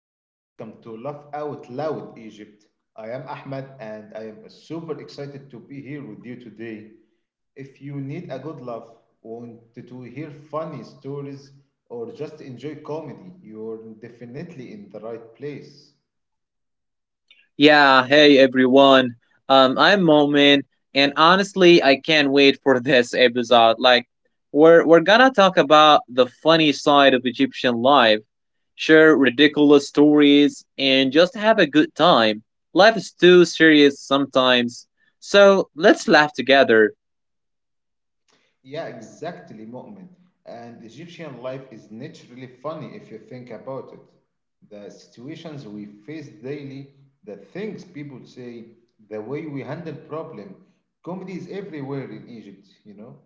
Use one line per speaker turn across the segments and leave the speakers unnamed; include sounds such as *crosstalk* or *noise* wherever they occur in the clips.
and welcome to Laugh Out Loud Egypt. I am Ahmed, and I am super excited to be here with you today. If you need a good laugh, want to hear funny stories, or just enjoy comedy, you're definitely in the right place.
Yeah, hey everyone. I'm Momin, and honestly, I can't wait for *laughs* this episode. We're gonna talk about the funny side of Egyptian life, share ridiculous stories, and just have a good time. Life is too serious sometimes, so let's laugh together.
Yeah, exactly, Mu'min. And Egyptian life is naturally funny if you think about it. The situations we face daily, the things people say, the way we handle problem. Comedy is everywhere in Egypt, you know?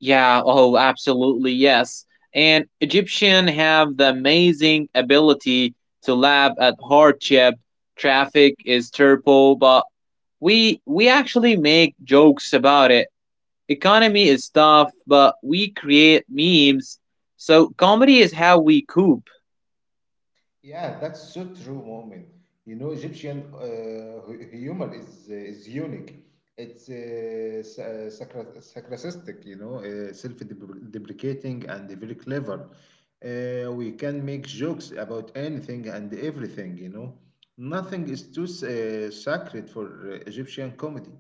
Yeah, oh, absolutely, yes. And Egyptian have the amazing ability to laugh at hardship, traffic is terrible, but we actually make jokes about it. Economy is tough, but we create memes. So comedy is how we cope.
Yeah, that's so true, Moment. Egyptian humor is unique. It's sarcastic, self-deprecating and very clever. We can make jokes about anything and everything. Nothing is too sacred for Egyptian comedy.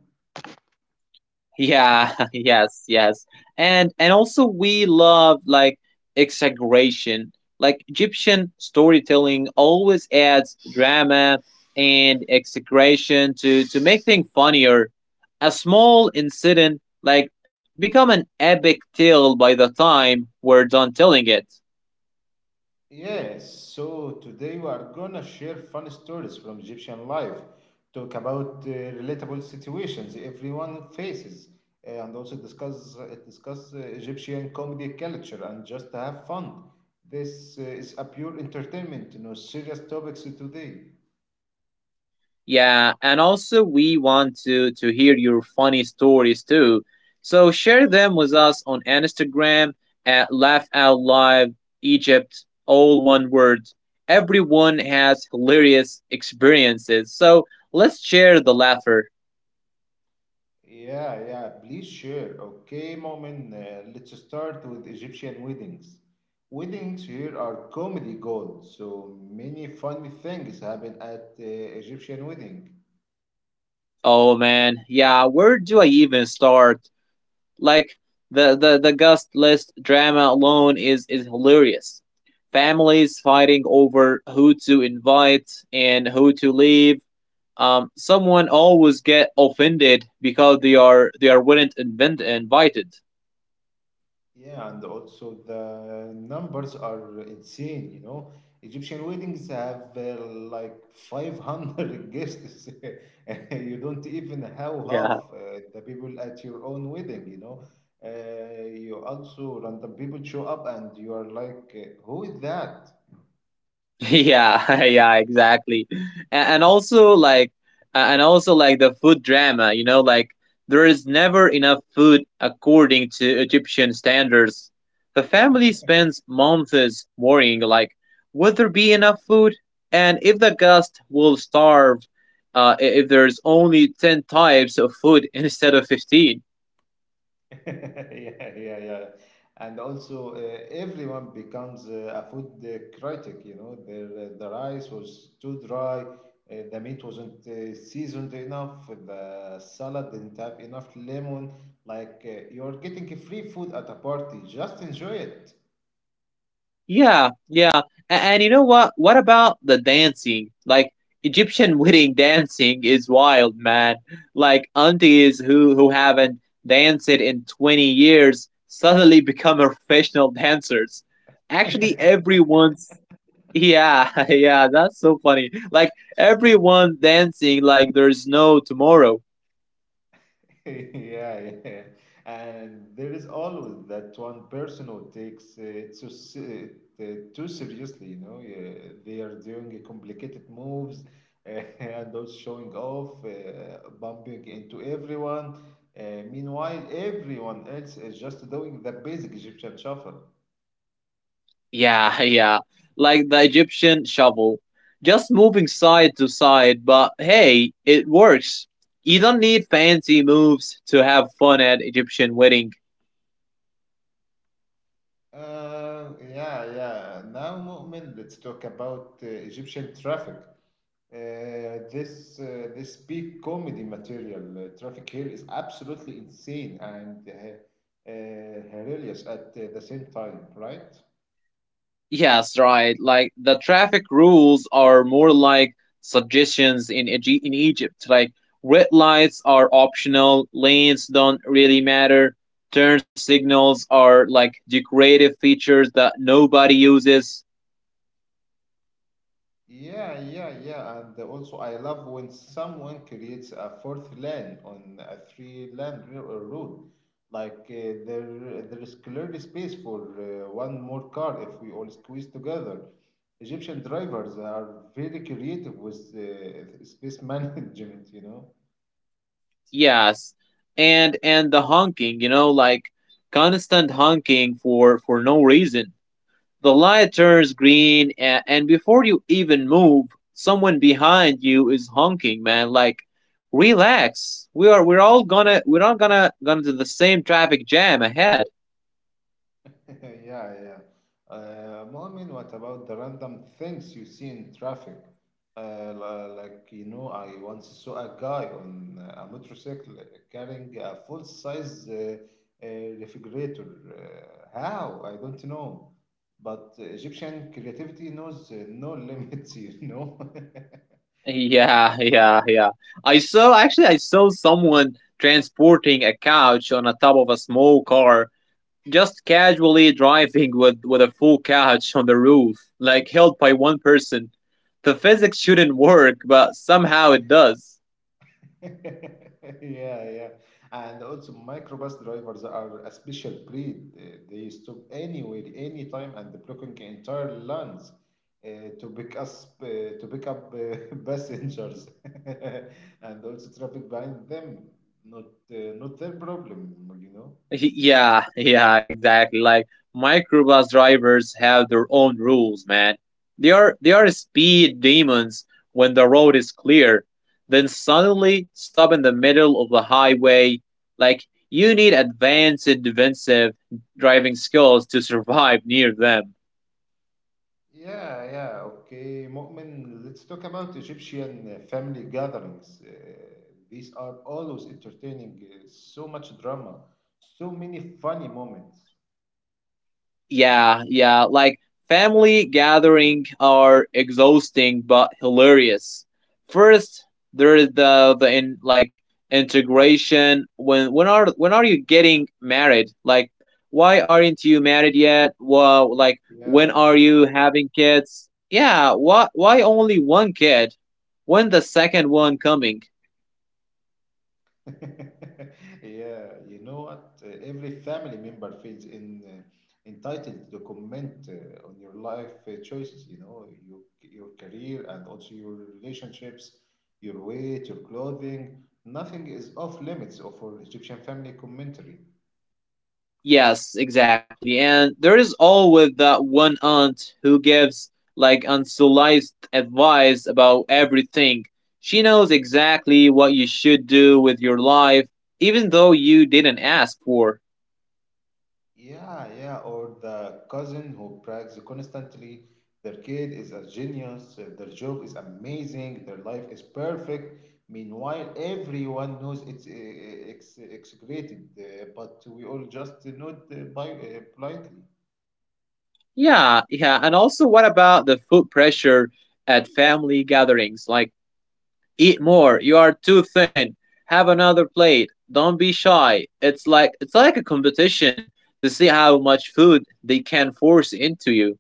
Yeah, *laughs* yes, yes. And also we love like exaggeration. Like Egyptian storytelling always adds drama and exaggeration to make things funnier. A small incident like become an epic tale by the time we're done telling it.
Yes, so today we are gonna share fun stories from Egyptian life, talk about relatable situations everyone faces, and also discuss Egyptian comedy culture and just have fun. This is a pure entertainment, no serious topics today.
Yeah, and also we want to hear your funny stories too. So share them with us on Instagram at Laugh Out Live Egypt, all one word. Everyone has hilarious experiences, so let's share the laughter.
Yeah, yeah, please share. Okay, Momin, let's start with Egyptian weddings. Weddings here are comedy gold, so many funny things happen at Egyptian wedding.
Oh man, yeah, where do I even start? Like the guest list drama alone is hilarious. Families fighting over who to invite and who to leave, someone always get offended because they are weren't invent- invited.
Yeah, and also the numbers are insane. Egyptian weddings have like 500 guests. *laughs* You don't even have
Yeah. *laughs*
half the people at your own wedding, you know. You also random people show up and you are like, who is that?
Yeah, *laughs* yeah, exactly. And, and also like and also like the food drama, you know, like there is never enough food according to Egyptian standards. The family spends months worrying like will there be enough food and if the guest will starve if there's only 10 types of food *laughs* instead of 15.
*laughs* Yeah, yeah, yeah. And also, everyone becomes a food critic. The rice was too dry, the meat wasn't seasoned enough, the salad didn't have enough lemon. Like you're getting free food at a party. Just enjoy
Yeah, yeah. And you know what? What about the dancing? Like Egyptian *laughs* wedding dancing is wild, man. Like aunties who haven't danced in 20 years suddenly *laughs* become professional dancers. Actually,
it. *laughs*
everyone's yeah, *laughs* yeah, that's so funny. Like everyone dancing like there's no tomorrow.
*laughs* Yeah, yeah. And there is always that one person who takes it too seriously, Yeah, they are doing a complicated moves uh, *laughs* and also showing off, bumping into everyone. Uh, Meanwhile, everyone else is just doing the basic Egyptian shuffle.
Yeah, *laughs* yeah. Like the Egyptian shovel. Just moving side to side, but hey, it works. You don't need fancy moves to have fun at Egyptian wedding.
Yeah, yeah. Now, Mu'min, let's talk about Egyptian traffic. This peak comedy material, Traffic Hill, is absolutely insane and hilarious at the same time, right?
Yes, right. Like the traffic rules are more like suggestions in Egypt. Like red lights are optional, lanes don't really matter. Turn signals are like decorative features that nobody uses.
Yeah, yeah, yeah. And also, I love when someone creates a fourth lane on a three-lane road. Like there is clearly space for one more car if we all squeeze together. Egyptian drivers are very creative with space *laughs* management, you know.
Yes, and the honking, you know, like constant honking for no reason. The light turns green, and before you even move, someone behind you is honking, man. Like, relax. We are we're all gonna gonna to the same traffic jam ahead. *laughs*
*laughs* Yeah, yeah. Mu'min, what about the random things you see in traffic? Like, I once saw a guy on a motorcycle carrying a full-size uh, refrigerator. How? I don't know. But Egyptian creativity knows no limits, *laughs* you know?
Yeah, yeah, yeah. I saw someone transporting a couch on a top of a small car just casually driving with a full couch on the roof, like held by one person. The physics shouldn't work, but somehow it does. *laughs*
*laughs* Yeah, yeah. And also microbus drivers are a special breed. They stop anywhere, anytime, and blocking entire lines to pick us to pick up *laughs* passengers, *laughs* and also traffic behind them. Not their problem,
Yeah, yeah, exactly. Like microbus drivers have their own rules, man. They are speed demons when the road is clear, then suddenly stop in the middle of the highway. Like you need advanced defensive driving skills to survive near them.
Yeah, yeah, okay. Mu'min, let's talk about Egyptian family gatherings. These are always entertaining, so much drama, so many funny moments.
Yeah, yeah, like family gathering are exhausting but hilarious. First, there's the in like integration. When are you getting married? Like, why aren't you married yet? Well, like when
Yeah,
are
yeah.
you having kids? Yeah, why only one kid? When the second one coming?
*laughs* Yeah, you know what? Every family member feels entitled to comment on your life choices, your career and also your relationships, your weight, your clothing. Nothing is off limits of our Egyptian family commentary.
Yes, exactly. And there is always that one aunt who gives like unsolicited advice about everything. She knows exactly what you should do with your life, even though you didn't ask for.
Yeah, yeah, or the cousin who brags constantly. Their kid is a genius, their job is amazing, their life is perfect. Meanwhile, everyone knows it's execrated, but we all just nod politely.
Yeah, yeah. And also, what about the food pressure at family gatherings? Like, eat more, you are too thin, have another plate, don't be shy. It's like a competition to see how much food they can force into you.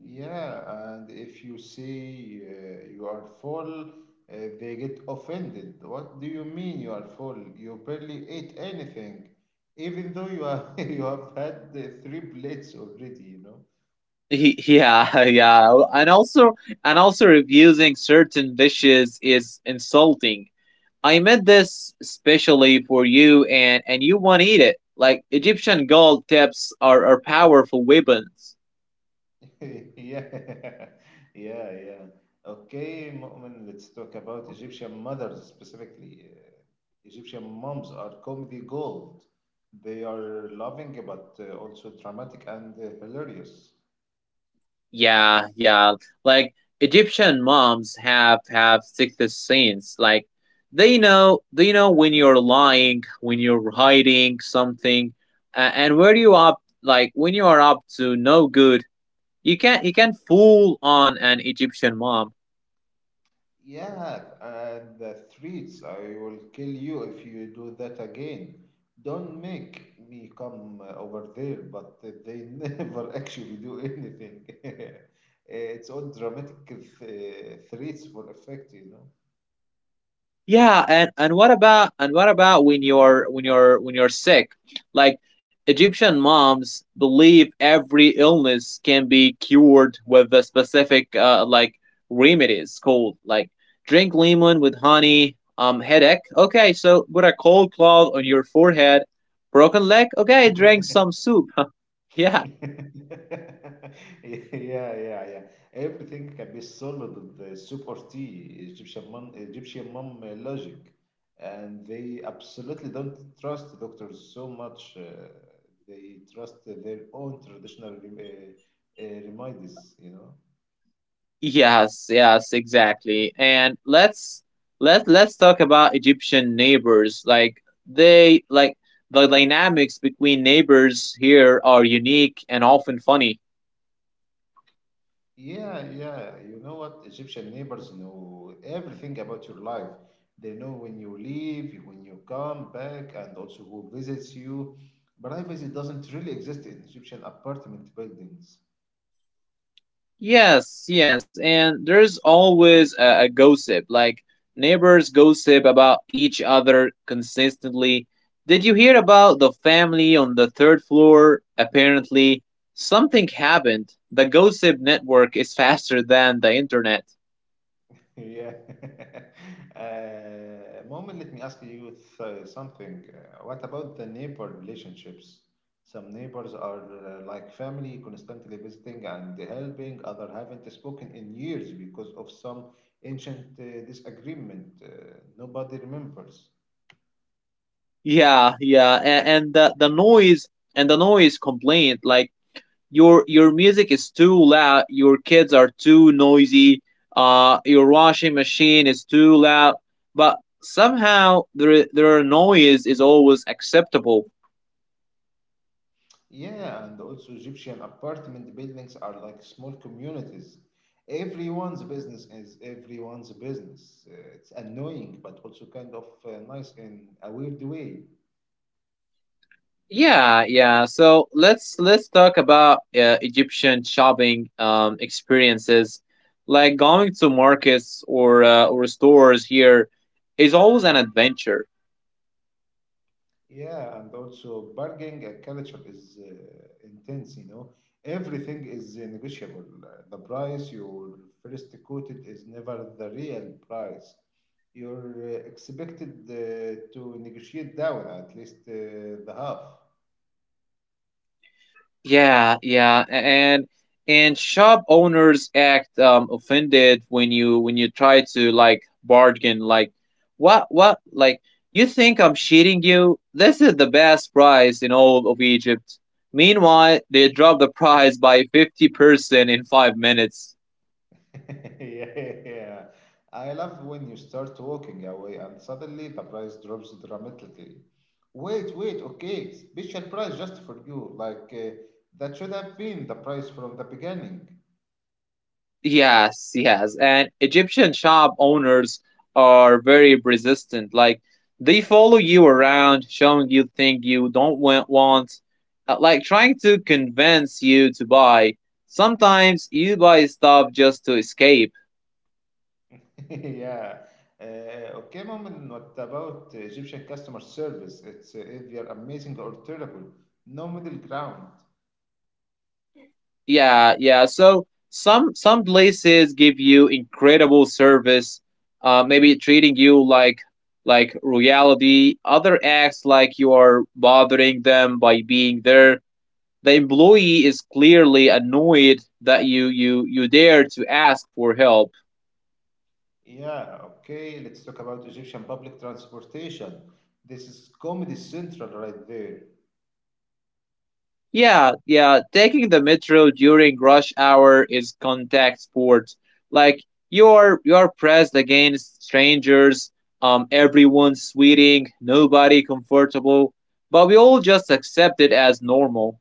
Yeah, and if you say you are full, they get offended. What do you mean you are full? You barely ate anything, even though you are *laughs* you have had the three plates already, you know?
He, yeah, *laughs* yeah, and also refusing certain dishes is insulting. I made this specially for you, and you won't eat it. Like Egyptian gold tips are powerful weapons.
*laughs* Yeah, *laughs* yeah, yeah. Okay, Mu'min, let's talk about Egyptian mothers specifically. Egyptian moms are comedy gold. They are loving but also dramatic and hilarious.
Yeah, yeah, like Egyptian moms have sixth sense. Like they know when you're lying, when you're hiding something, and where you up like when you are up to no good, you can not fool on an Egyptian mom.
Yeah, and the streets, I will kill you if you do that again. Don't make me come over there, but they *laughs* never actually do anything. *laughs* It's all dramatic threats for effect,
Yeah, and what about when you're sick? Like Egyptian moms believe every illness can be cured with a specific like remedies called like drink lemon with honey, headache. Okay, so put a cold cloth on your forehead. Broken leg? Okay, drink
*laughs*
some soup. *laughs* yeah,
*laughs* Yeah, yeah, yeah. Everything can be solved with the soup or tea, Egyptian mom logic, and they absolutely don't trust doctors so much. They trust their own traditional remedies,
Yes, yes, exactly. And let's talk about Egyptian neighbors. Like the dynamics between neighbors here are unique and often funny.
Yeah, yeah. You know what? Egyptian neighbors know everything about your life. They know when you leave, when you come back, and also who visits you. Privacy doesn't really exist in Egyptian apartment buildings.
Yes, yes, and there's always a gossip. Like neighbors gossip about each other consistently. Did you hear about the family on the third floor? Apparently, something happened. The gossip network is faster than the internet.
Yeah. *laughs* Moment, let me ask you something. What about the neighbor relationships? Some neighbors are like family, constantly visiting and helping. Other haven't spoken in years because of some ancient disagreement nobody remembers.
Yeah, yeah, and the noise and the noise complaint like your music is too loud, your kids are too noisy, your washing machine is too loud, but somehow their noise is always acceptable.
Yeah, and also Egyptian apartment buildings are like small communities. Everyone's business is everyone's business. It's annoying, but also kind of nice in a weird way.
Yeah, yeah. So let's talk about Egyptian shopping, um, experiences, like going to markets or stores here is always an adventure.
Yeah, and also bargaining culture is intense, Everything is negotiable. The price you first quoted is never the real price. You're expected to negotiate down at least the half.
Yeah, yeah, and shop owners act offended when you try to like bargain like what like you think I'm cheating you? This is the best price in all of Egypt. Meanwhile, they drop the price by 50% in 5 minutes.
*laughs* Yeah. I love when you start walking away and suddenly the price drops dramatically. Wait, wait, okay, special price just for you. Like, that should have been the price from the beginning. *laughs*
Yes, yes. And Egyptian shop owners are very resistant. Like they follow you around, showing you things you don't want, like trying to convince you to buy. Sometimes you buy stuff just to escape.
Yeah. Okay, mom, what about Egyptian customer service? It's either amazing or terrible. No middle ground.
Yeah, yeah. So some places give you incredible service, maybe treating you like royalty. Other acts like you are bothering them by being there, the employee is clearly annoyed that you dare to ask for help.
Yeah, okay, let's talk about Egyptian public transportation. This is Comedy Central right there.
Yeah, yeah, taking the metro during rush hour is contact sport. Like you're pressed against strangers, um, everyone's sweating, nobody comfortable, but we all just accept it as normal.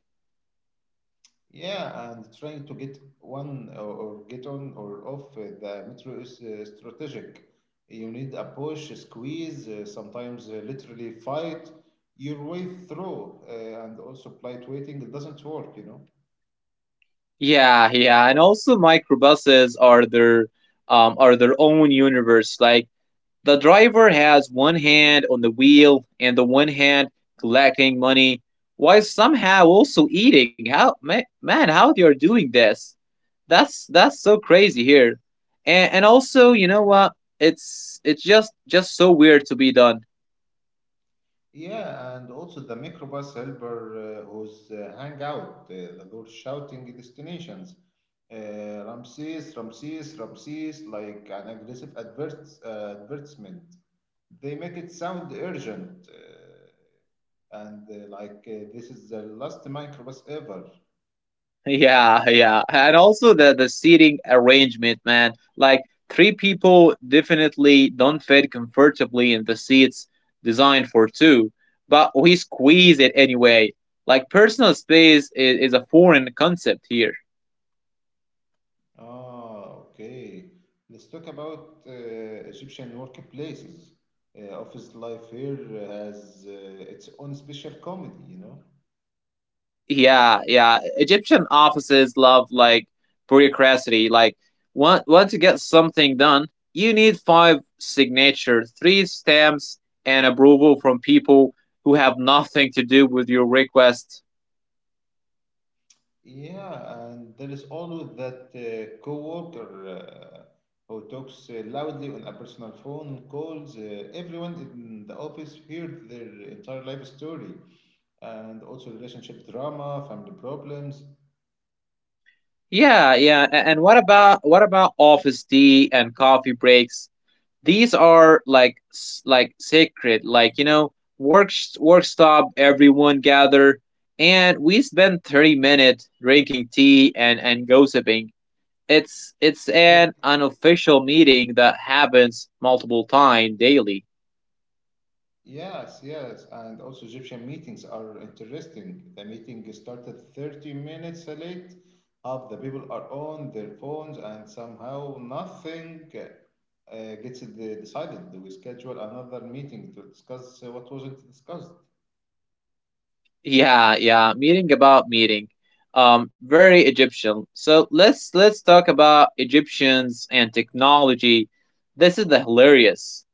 Yeah, and trying to get one or get on or off the metro is strategic. You need a push, a squeeze, sometimes literally fight your way through, and also polite waiting doesn't work,
Yeah, yeah, and also microbuses are their own universe. Like the driver has one hand on the wheel and the one hand collecting money while somehow also eating. How, man, how they are doing this? That's so crazy here. And also, you know what? It's just so weird to be done.
Yeah, and also the microbus helper who's hang out the door shouting destinations. Ramses, Ramses, Ramses, like an aggressive advertisement. They make it sound urgent and like this is the last microbus ever.
Yeah, yeah. And also the seating arrangement, man. Like three people definitely don't fit comfortably in the seats designed for two, but we squeeze it anyway. Like personal space is a foreign concept here.
Ah, okay. Let's talk about Egyptian workplaces. Office life here has its own special comedy,
Yeah, yeah. Egyptian offices love like bureaucracy. Like want to get something done, you need five signatures, three stamps, and approval from people who have nothing to do with your request.
Yeah, and there is always that coworker who talks loudly on a personal phone calls. Everyone in the office heard their entire life story and also relationship drama, family problems.
Yeah, yeah. And what about office tea and coffee breaks? These are like sacred, like you know, work stop, everyone gather, and we spend 30 minutes drinking tea and gossiping. It's
Yeah,
an unofficial meeting that happens multiple times daily.
yes, yes, and also Egyptian meetings are interesting. The meeting started 30 minutes late. Half the people are on their phones, and somehow nothing gets decided. We schedule another meeting to discuss what wasn't discussed.
Yeah, yeah, meeting about meeting. Very Egyptian. So let's talk about Egyptians and technology. This is the hilarious.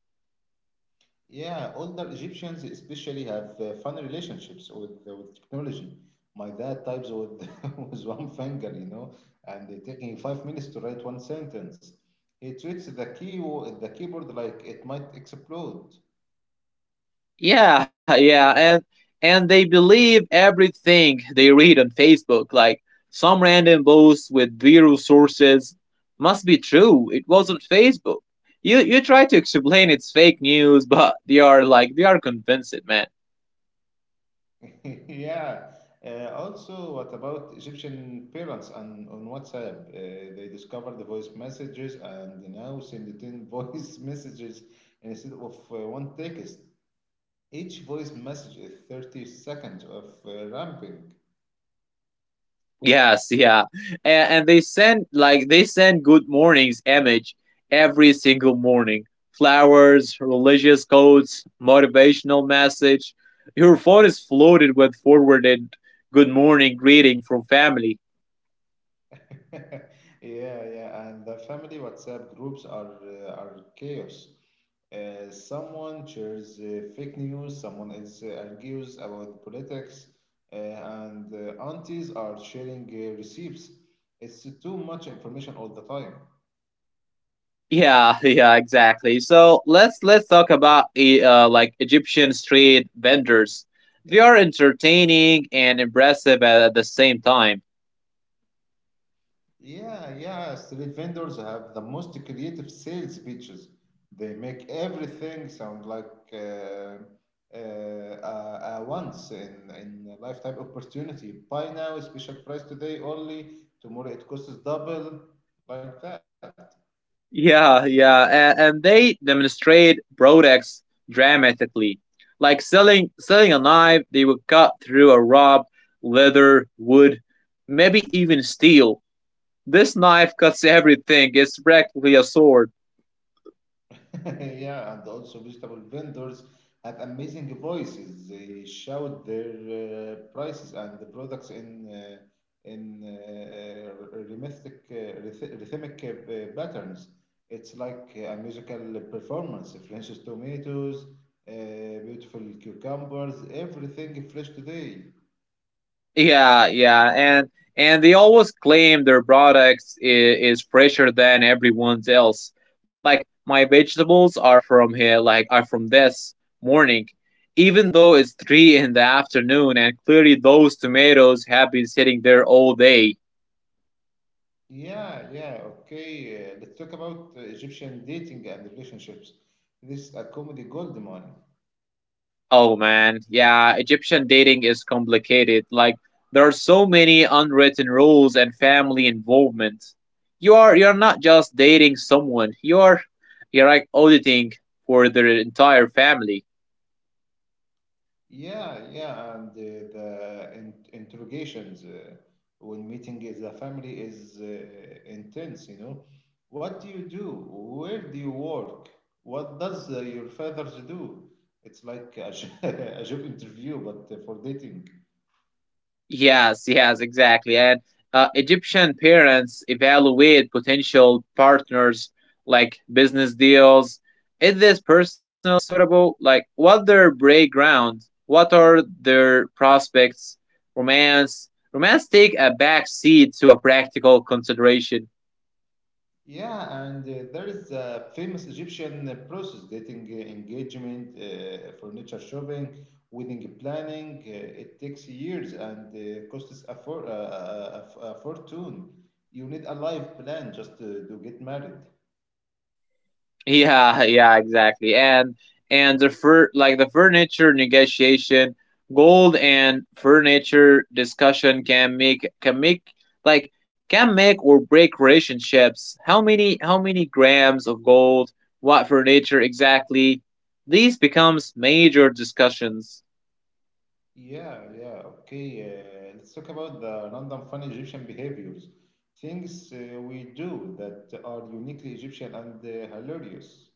Yeah, older Egyptians especially have fun relationships with technology. My dad types with *laughs* with one finger, and it taking 5 minutes to write one sentence. He treats the keyboard like it might explode.
Yeah, yeah, and they believe everything they read on Facebook. Like some random post with zero sources must be true. It wasn't Facebook. You try to explain it's fake news, *laughs* but they are convinced, man.
*laughs* Yeah. Also, what about Egyptian parents on WhatsApp? They discovered the voice messages and now send it in *laughs* voice messages instead of one text. Each voice message is 30 seconds of ramping.
Yes, yeah. And they send like They send good mornings image every single morning. Flowers, religious quotes, motivational message. Your phone is flooded with forwarded good morning greeting from family.
*laughs* Yeah, yeah, and the family WhatsApp groups are chaos. Someone shares fake news, someone else argues about politics, and aunties are sharing receipts. It's too much information all the time.
Yeah, *laughs* yeah, exactly. So let's talk about Egyptian street vendors. They are entertaining and impressive at the same time.
Yeah, yeah. Street vendors have the most creative sales pitches. They make everything sound like once in a lifetime opportunity. Buy now, special price today only. Tomorrow it costs double, like that.
Yeah, yeah, and they demonstrate products dramatically. Like selling a knife, they would cut through a rock, leather, wood, maybe even steel. This knife cuts everything. It's practically a sword.
*laughs* Yeah, and also vegetable vendors have amazing voices. They shout their prices and the products uh, in rhythmic patterns. It's like a musical performance. Fresh tomatoes, beautiful cucumbers, everything fresh today.
Yeah, yeah, and they always claim their products is fresher than everyone's else. Like my vegetables are from here, like are from this morning, even though it's three in the afternoon, and clearly those tomatoes have been sitting there all day.
Yeah, yeah, okay. Let's talk about Egyptian dating and relationships. This is a comedy gold mine.
Oh man, yeah, Egyptian dating is complicated. Like there are so many unwritten rules and family involvement. You're not just dating someone. You're like auditing for their entire family.
Yeah, yeah, and the interrogations when meeting is the family is intense, What do you do? Where do you work? What does your father do? It's like a, *laughs* a job interview, but for dating.
Yes, yes, exactly. And Egyptian parents evaluate potential partners like business deals. Is this personal suitable? Like, what their background? What are their prospects? Romance. Romance take a back seat to a practical consideration.
Yeah, and there is a famous Egyptian process dating engagement, furniture shopping, wedding planning. It takes years and costs a fortune. You need a life plan just to get married.
Yeah, *laughs* yeah, exactly. And the furniture negotiation, gold and furniture discussion like can make or break relationships. How many grams of gold, what furniture exactly? These becomes major discussions.
Yeah, yeah, okay. Let's talk about the random funny Egyptian behaviors. Things we do that are uniquely Egyptian and hilarious.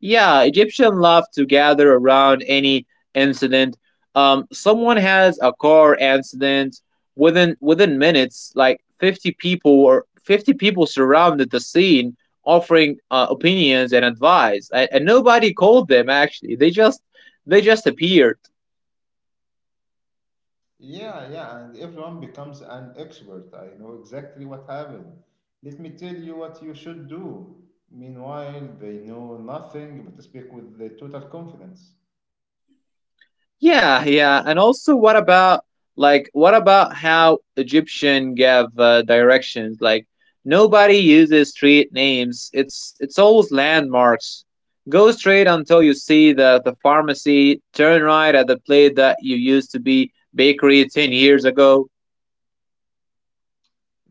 Yeah, Egyptian love to gather around any incident. Someone has a car accident within minutes, like 50 people surrounded the scene, offering opinions and advice, and nobody called them. Actually, they just appeared.
Yeah, yeah, and everyone becomes an expert. I know exactly what happened. Let me tell you what you should do. Meanwhile, they know nothing but speak with the total confidence.
Yeah, yeah. And also, what about how Egyptian gave directions? Like nobody uses street names. It's always landmarks. Go straight until you see the pharmacy. Turn right at the place that you used to be bakery 10 years ago.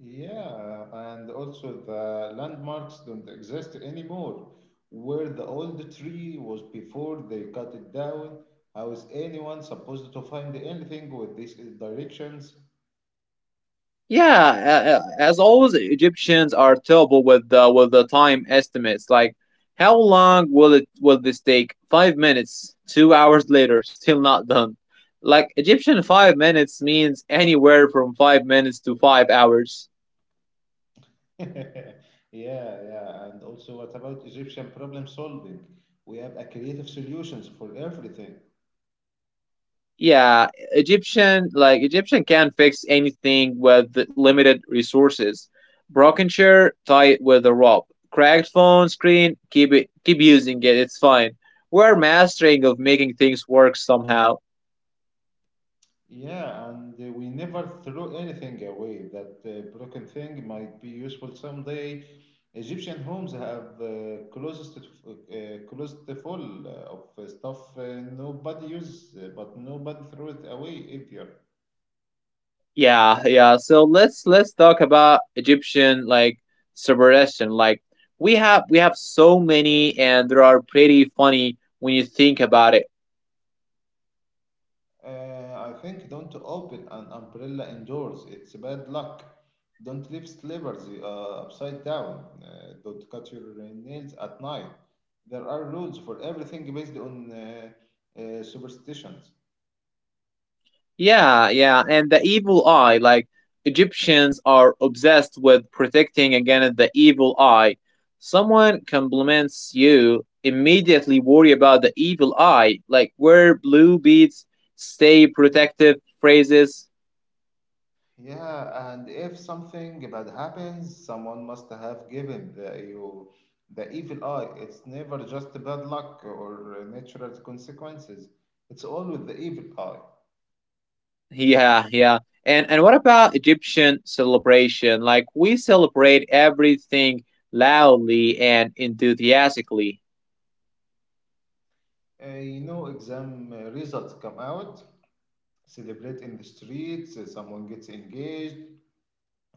Yeah, and also the landmarks don't exist anymore. Where the old tree was before they cut it down, how is anyone supposed to find anything with these directions?
Yeah, as always, Egyptians are terrible with the time estimates. Like, how long will this take? Five minutes. Two hours later, *laughs* still not done. Like Egyptian five minutes means anywhere from five minutes to five hours.
*laughs* Yeah, yeah. And also, what about Egyptian problem solving? We have a creative solutions for everything.
Yeah, egyptian can fix anything with limited resources, broken chair tie it with a rope, cracked phone screen keep using it, it's fine. We're mastering of making things work somehow.
Yeah, and we never throw anything away. That broken thing might be useful someday. Egyptian homes have closet full of stuff nobody uses, but nobody throw it away either.
Yeah, yeah, so let's talk about egyptian superstition, like we have so many and they are pretty funny when you think about it.
I think don't open an umbrella indoors. It's bad luck. Don't leave slippers upside down. Don't cut your nails at night. There are rules for everything based on superstitions.
Yeah, yeah, and the evil eye, like Egyptians are obsessed with protecting against the evil eye. Someone compliments you, immediately worry about the evil eye, like wear blue beads, stay protective phrases.
Yeah, and if something bad happens, someone must have given the evil eye. It's never just bad luck or natural consequences. It's always the evil eye.
Yeah, yeah. And what about Egyptian celebration? Like we celebrate everything loudly and enthusiastically.
Exam results come out, celebrate in the streets, someone gets engaged,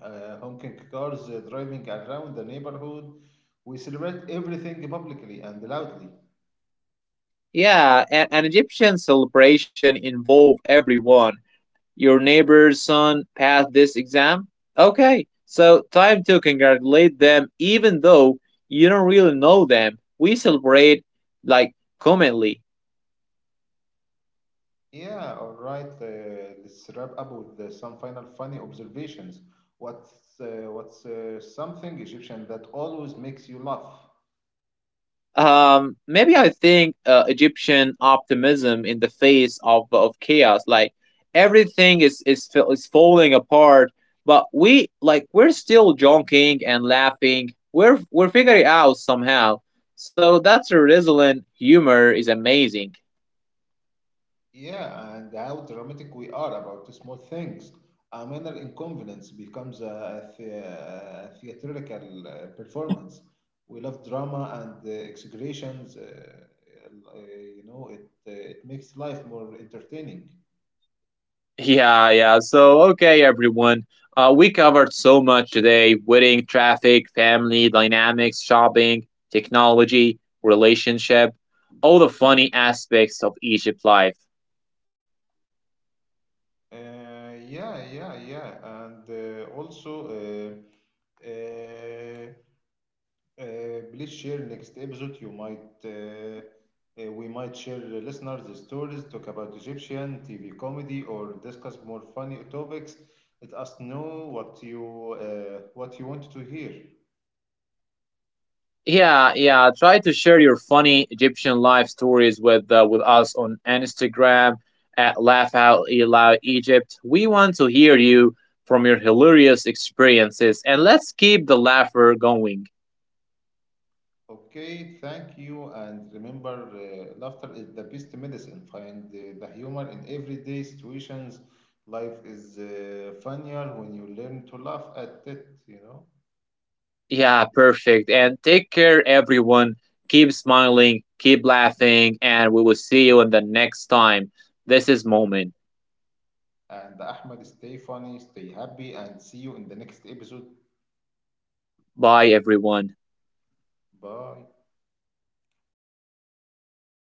honking cars driving around the neighborhood. We celebrate everything publicly and loudly.
Yeah, and an Egyptian celebration involve everyone. Your neighbor's son passed this exam? Okay, so time to congratulate them even though you don't really know them. We celebrate like commonly.
Yeah, all right. Let's wrap up with some final funny observations. What's something Egyptian that always makes you laugh?
Maybe I think Egyptian optimism in the face of chaos, like everything is, is falling apart, but we're still joking and laughing. We're figuring it out somehow. So that's a resilient humor is amazing.
Yeah, and how dramatic we are about the small things. A minor inconvenience becomes a theatrical performance. We love drama and exaggerations. It makes life more entertaining.
Yeah, yeah. So, okay, everyone. We covered so much today, wedding, traffic, family, dynamics, shopping, technology, relationship, all the funny aspects of Egypt life.
Yeah, yeah, yeah, and also. Please share next episode. You might we might share listeners' stories, talk about Egyptian TV comedy, or discuss more funny topics. Let us know what you want to hear.
Yeah, yeah. Try to share your funny Egyptian life stories with us on Instagram at Laugh Out Loud Egypt. We want to hear you from your hilarious experiences, and let's keep the laughter going.
Okay, thank you, and remember, laughter is the best medicine. Find the humor in everyday situations. Life is funnier when you learn to laugh at it.
Yeah, perfect. And take care, everyone. Keep smiling, keep laughing, and we will see you in the next time. This is Moment.
And Ahmed, stay funny, stay happy, and see you in the next episode.
Bye, everyone.
Bye